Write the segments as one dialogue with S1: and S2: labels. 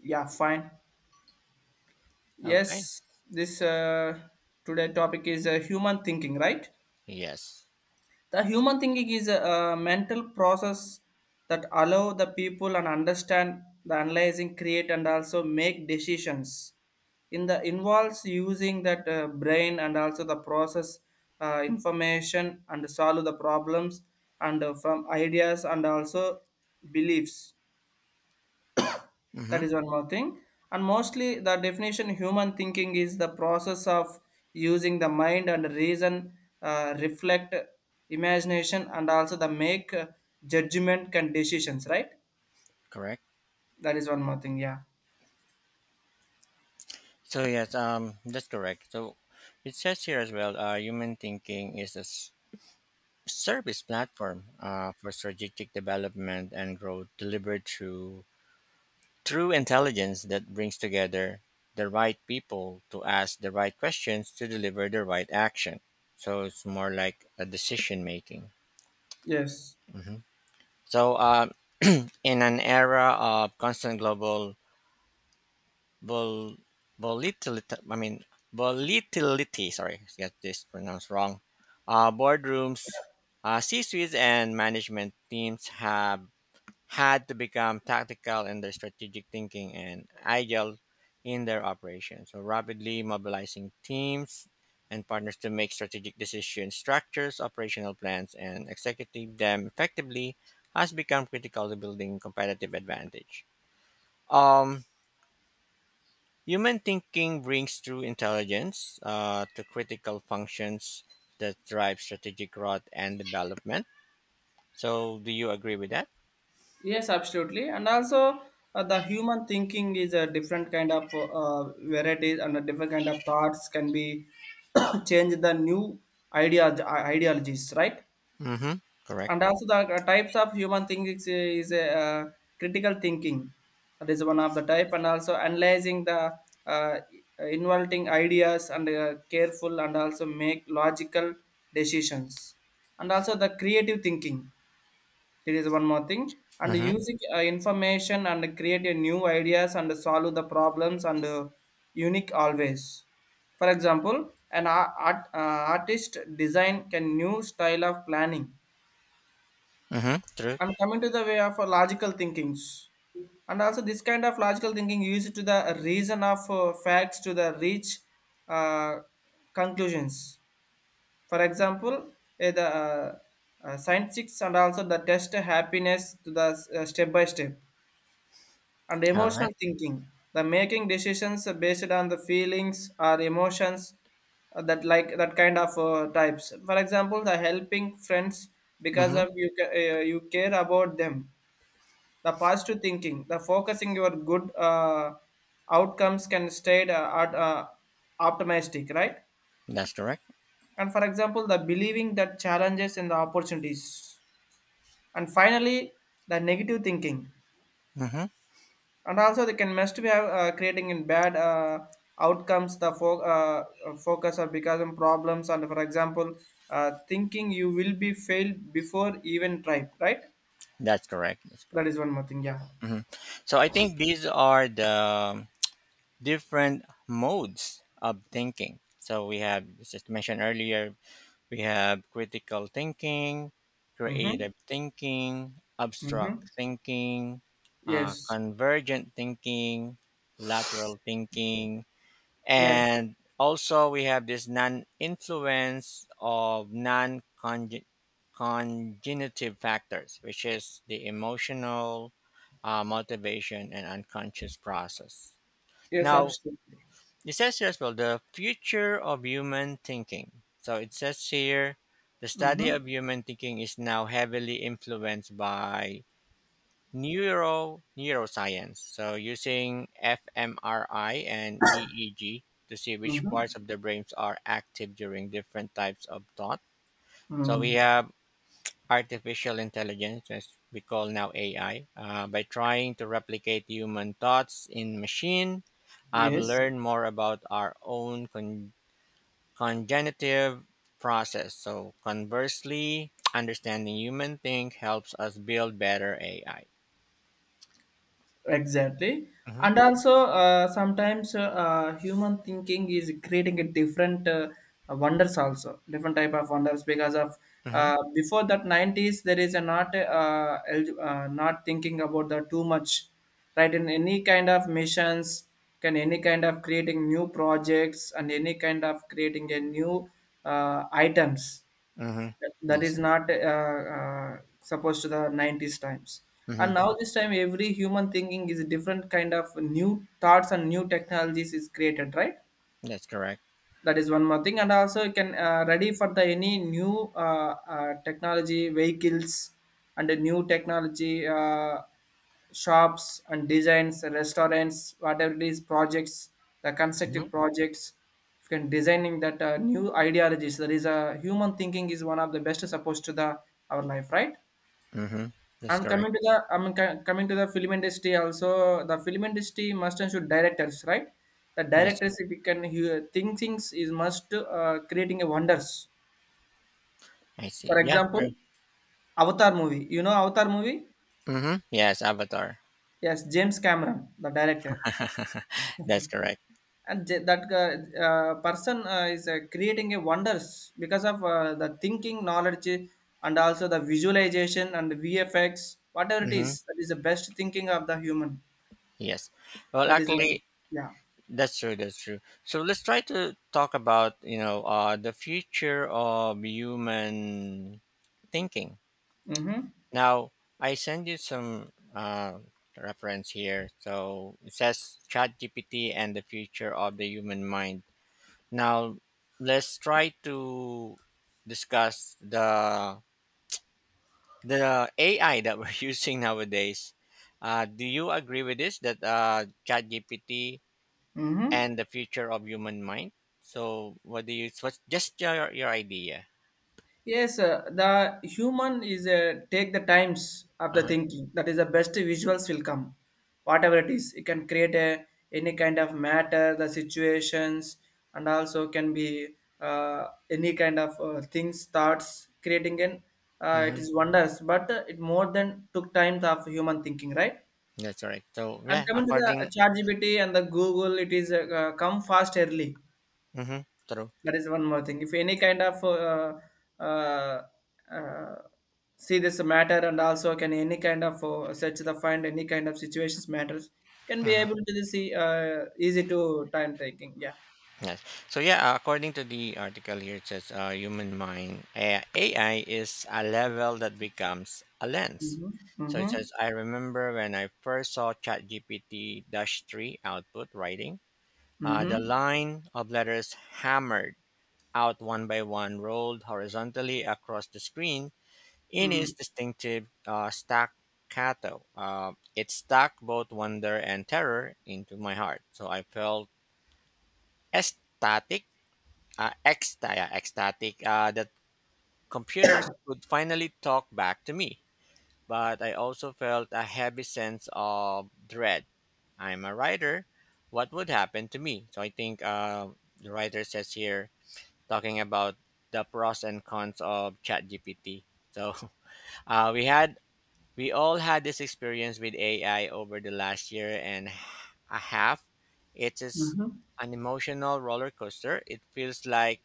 S1: Yeah, fine.
S2: Okay.
S1: Yes, this today topic is human thinking, right?
S2: Yes.
S1: The human thinking is a mental process that allow the people and understand the analyzing, create, and also make decisions. In the involves using that brain and also the process information and solve the problems and from ideas and also beliefs. That
S2: Mm-hmm.
S1: is one more thing. And mostly the definition human thinking is the process of using the mind and reason, reflect imagination, and also the make judgment and decisions, right?
S2: Correct.
S1: That is one more thing, yeah.
S2: So yes, that's correct. So it says here as well, human thinking is a service platform for strategic development and growth delivered through through intelligence that brings together the right people to ask the right questions to deliver the right action. So it's more like a decision making.
S1: Yes.
S2: hmm So in an era of constant global vol- volatility. Volatility. Sorry, get this pronounced wrong. Boardrooms, C-suites, and management teams have had to become tactical in their strategic thinking and agile in their operations. So rapidly mobilizing teams and partners to make strategic decisions, structures, operational plans, and executing them effectively has become critical to building competitive advantage. Um, Human thinking brings true intelligence to critical functions that drive strategic growth and development. So, do you agree with that?
S1: Yes, absolutely. And also the human thinking is a different kind of varieties and a different kind of thoughts can be change the new ideas, ideologies, right?
S2: Mm-hmm. Correct.
S1: And also the types of human thinking is a critical thinking, that is one of the type, and also analyzing the uh, involving ideas and careful and also make logical decisions, and also the creative thinking, there is one more thing, and
S2: Mm-hmm.
S1: using information and create a new ideas and solve the problems and unique always. For example an art, artist design can new style of planning,
S2: Mm-hmm. True.
S1: and coming to the way of logical thinkings, and also this kind of logical thinking used to the reason of facts to the reach uh, conclusions. For example eh, the scientific and also the test happiness to the step by step, and
S2: All
S1: emotional
S2: right.
S1: thinking, the making decisions based on the feelings or emotions, that like that kind of types. For example the helping friends because
S2: Mm-hmm.
S1: of you care about them. The positive thinking, the focusing your good outcomes, can stay optimistic, right?
S2: That's correct.
S1: And for example the believing that challenges and the opportunities, and finally the negative thinking,
S2: Mm-hmm.
S1: and also they can must be creating in bad outcomes, the focus or becoming problems. And for example thinking you will be failed before even try, right?
S2: That's correct. That's
S1: That
S2: correct.
S1: is one more thing, yeah.
S2: hmm So, I think these are the different modes of thinking. So, we have, as I mentioned earlier, we have critical thinking,
S1: Mm-hmm.
S2: creative thinking, abstract
S1: Mm-hmm.
S2: thinking,
S1: Yes.
S2: convergent thinking, lateral thinking,
S1: Yes.
S2: and also we have this non influence of non congenitive factors, which is the emotional, motivation, and unconscious process.
S1: Yes,
S2: Now,
S1: absolutely.
S2: it says here as well the future of human thinking. So it says here the study
S1: Mm-hmm.
S2: of human thinking is now heavily influenced by neuroscience. So using fMRI and EEG to see which
S1: Mm-hmm.
S2: parts of the brains are active during different types of thought. So we
S1: Mm.
S2: have artificial intelligence, as we call now AI, by trying to replicate human thoughts in machine I will
S1: Yes,
S2: learn more about our own cognitive process. So, conversely, understanding human think helps us build better AI.
S1: exactly.
S2: Mm-hmm.
S1: And also, sometimes human thinking is creating a different wonders also, different type of wonders because of
S2: Mm-hmm.
S1: before that 90s, there is a not not thinking about the too much, right? In any kind of missions, can any kind of creating new projects and any kind of creating a new items
S2: Mm-hmm.
S1: that
S2: Yes.
S1: is not supposed to the 90s times. And now
S2: Mm-hmm.
S1: this time every human thinking is a different kind of new thoughts and new technologies is created, right?
S2: That's correct.
S1: That is one more thing, and also you can ready for the any new technology vehicles and the new technology shops and designs, restaurants, whatever it is, projects, the
S2: Mhm.
S1: constructive projects, you can designing that new ideologies. There is a human thinking is one of the best supposed to the our life, right?
S2: Mm-hmm. That's correct.
S1: Coming to the film industry also. The film industry must and should directors, right? The
S2: Yes.
S1: directors, if you can hear think things is must creating a wonders.
S2: I see.
S1: For
S2: Yeah.
S1: example,
S2: True.
S1: Avatar movie. You know Avatar movie?
S2: Mm-hmm. Yes. Avatar.
S1: Yes, James Cameron, the director.
S2: That's
S1: Mhm.
S2: correct.
S1: And j- that person is creating a wonders because of the thinking knowledge and also the visualization and the VFX, whatever it is,
S2: Mm-hmm.
S1: that is the best thinking of the human.
S2: Yes. Well,
S1: That is
S2: actually,
S1: yeah.
S2: that's true. That's true. So let's try to talk about the future of human thinking.
S1: Mm-hmm.
S2: Now, I send you some uh, reference here. So it says ChatGPT and the future of the human mind. Now, let's try to discuss the AI that we're using nowadays. Do you agree with this that ChatGPT
S1: Mm-hmm.
S2: and the future of human mind? So, what do you? What's just your idea?
S1: Yes, the human is take the times of
S2: Uh
S1: the
S2: huh.
S1: thinking. That is the best visuals will come, whatever it is. You can create a, any kind of matter, the situations, and also can be any kind of things, thoughts. Creating an it
S2: Mm-hmm.
S1: is wonders, but it more than took times of human thinking, right?
S2: That's right. So
S1: And
S2: yeah,
S1: coming to the
S2: according.
S1: ChatGPT and the Google, it is come fast early.
S2: Mm-hmm. True.
S1: That is one more thing. If any kind of uh, uh, see this matter, and also can any kind of search the find any kind of situations matters, can be
S2: Mhm.
S1: able to see easy to time taking. Yeah.
S2: Yes. So yeah, according to the article here, it says human mind AI is a level that becomes a lens.
S1: Mm-hmm.
S2: So it
S1: Mm-hmm.
S2: says, I remember when I first saw ChatGPT-3 output writing, the
S1: Mm-hmm.
S2: line of letters hammered out one by one, rolled horizontally across the screen in its distinctive staccato. It stuck both wonder and terror into my heart. So I felt ecstatic ecstatic that computers could finally talk back to me. But I also felt a heavy sense of dread. I'm a writer. What would happen to me? So I think the writer says here talking about the pros and cons of ChatGPT. So uh, we had we all had this experience with AI over the last year and a half. It is
S1: Mm-hmm.
S2: an emotional roller coaster. It feels like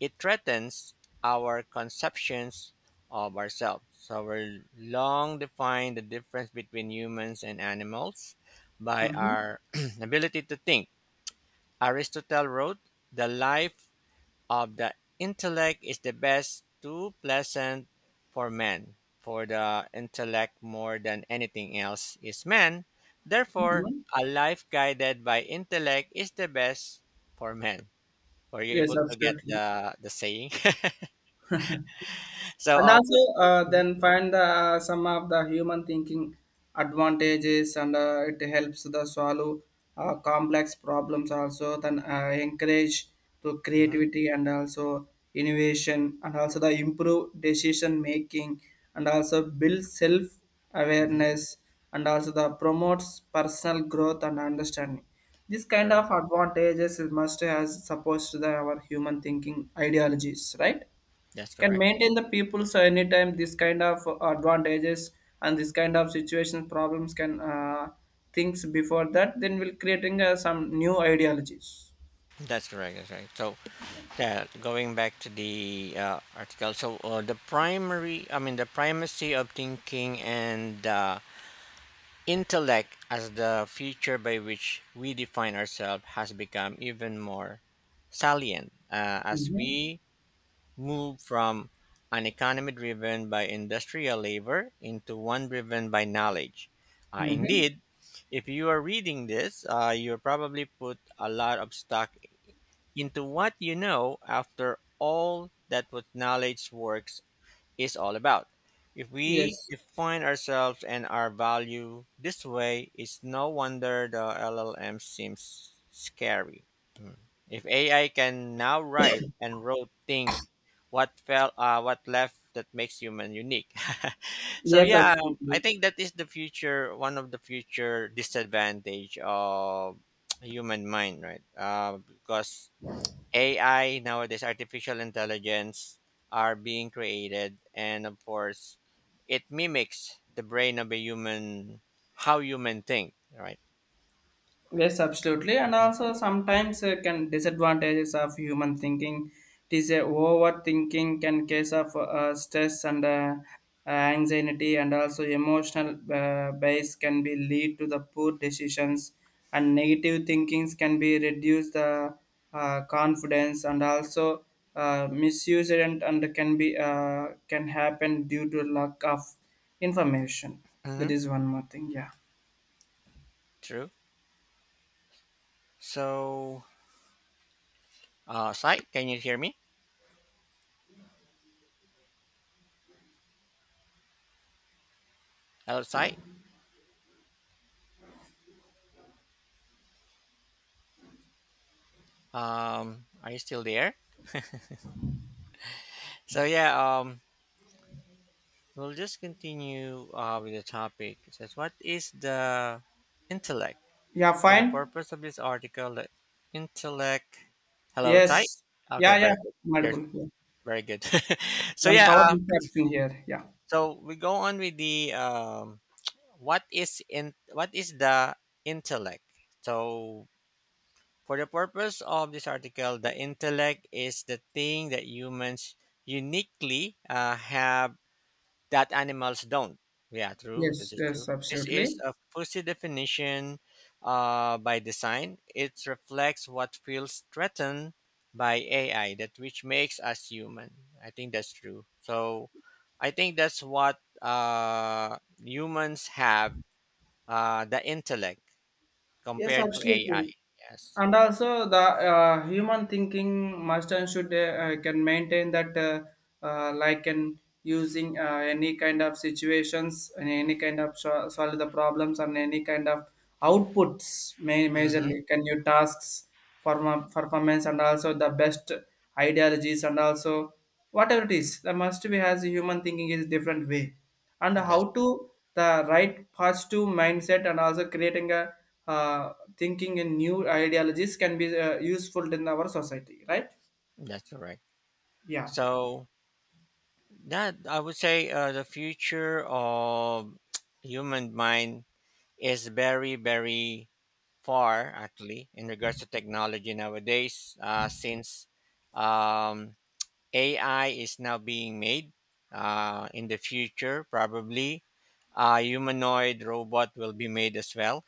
S2: it threatens our conceptions of ourselves. So we long defined the difference between humans and animals by
S1: Mm-hmm.
S2: our ability to think. Aristotle wrote, "The life of the intellect is the best too pleasant for man, for the intellect more than anything else is man, therefore
S1: Mm-hmm.
S2: a life guided by intellect is the best for man." Were you
S1: Yes,
S2: able to get
S1: absolutely.
S2: the saying? So
S1: And also
S2: Mhm,
S1: then find the some of the human thinking advantages, and it helps the solve complex problems also, then encourage to
S2: mhm,
S1: creativity and also innovation, and also the improve decision making, and also build self
S2: mhm,
S1: awareness, and also the promotes personal growth and understanding. This kind
S2: correct.
S1: of advantages is must has supposed to the our human thinking ideologies, right?
S2: That's
S1: Can
S2: correct,
S1: maintain the people's anytime this kind of advantages, and this kind of situation problems can things before that, then we'll creating some new ideologies.
S2: that's correct. That's right. So, yeah, going back to the article. So, the primary, I mean, the primacy of thinking and intellect, as the feature by which we define ourselves, has become even more salient as
S1: Mm-hmm.
S2: we move from an economy driven by industrial labor into one driven by knowledge.
S1: Mm-hmm.
S2: Indeed, if you are reading this, you probably put a lot of stock into what you know after all that what knowledge works is all about. If we
S1: Yes.
S2: define ourselves and our value this way, it's no wonder the LLM seems scary. Mm. If AI can now write and wrote think what fell what left that makes human unique. So
S1: Yes,
S2: yeah, I
S1: absolutely.
S2: think that is the future one of the future disadvantage of human mind, right? Because AI nowadays, artificial intelligence, are being created, and of course, it mimics the brain of a human, how human think, right?
S1: Yes, absolutely, and
S2: mm
S1: also sometimes can disadvantages of human thinking. It is a overthinking can case of stress and anxiety, and also emotional base can be lead to the poor decisions, and negative thinkings can be reduce the confidence, and also misuse it, and can be can happen due to lack of information. That
S2: Mm-hmm.
S1: is one more thing. Yeah.
S2: True. So, Sai, can you hear me? Hello, Sai. Are you still there? So yeah, we'll just continue with the topic. It says, what is the intellect?
S1: Yeah.
S2: For the
S1: Fine.
S2: purpose of this article, the intellect. Hello, Sai.
S1: Yes.
S2: Okay,
S1: Yeah, yeah.
S2: very good. You're
S1: Multiple. Yeah.
S2: Very good. So
S1: Then
S2: yeah,
S1: power interaction here. Yeah.
S2: so we go on with the what is the intellect? So for the purpose of this article, the intellect is the thing that humans uniquely have that animals don't. Yeah, true.
S1: Yes,
S2: This is
S1: yes,
S2: true. This
S1: absolutely.
S2: is a fuzzy definition by design. It reflects what feels threatened by AI, that which makes us human. I think that's true. So I think that's what humans have the intellect
S1: Yes,
S2: compared to AI.
S1: absolutely.
S2: Yes.
S1: And also the human thinking must and should can maintain that like in using any kind of situations, and any kind of solve the problems, and any kind of outputs
S2: Mm-hmm.
S1: majorly can you tasks performance, and also the best ideologies, and also whatever it is the must be has a human thinking is different way and
S2: That's
S1: how to the right positive mindset, and also creating a thinking in new ideologies can be useful in our society, right?
S2: that's correct.
S1: Yeah.
S2: So that I would say the future of human mind is very far actually in regards to technology nowadays since um, ai is now being made in the future probably a humanoid robot will be made as well.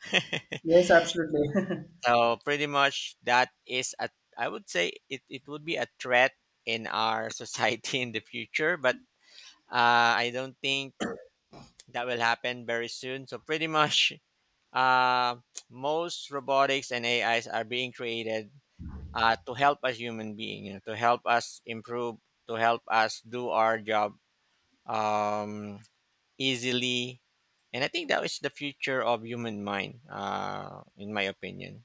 S1: Yes, absolutely.
S2: So pretty much that is a, I would say it, would be a threat in our society in the future, but I don't think that will happen very soon. So pretty much uh, most robotics and AIs are being created to help us human being, you know, to help us improve, to help us do our job um, easily. And I think that is the future of human mind, in my opinion.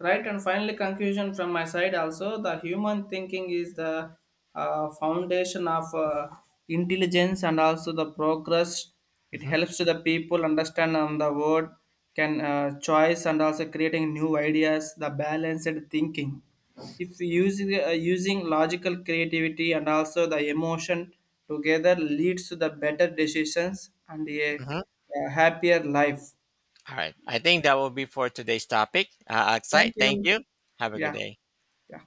S1: Right, and finally, conclusion from my side also the human thinking is the foundation of intelligence and also the progress. It
S2: Mhm,
S1: helps to the people understand on the world, can choice, and also creating new ideas, the balanced thinking. If using logical creativity and also the emotion together leads to the better decisions and a,
S2: mhm.
S1: a happier life.
S2: All right. I think that will be for today's topic. Akshay,
S1: Thank
S2: thank
S1: you.
S2: you. Have a good
S1: Yeah,
S2: day.
S1: yeah,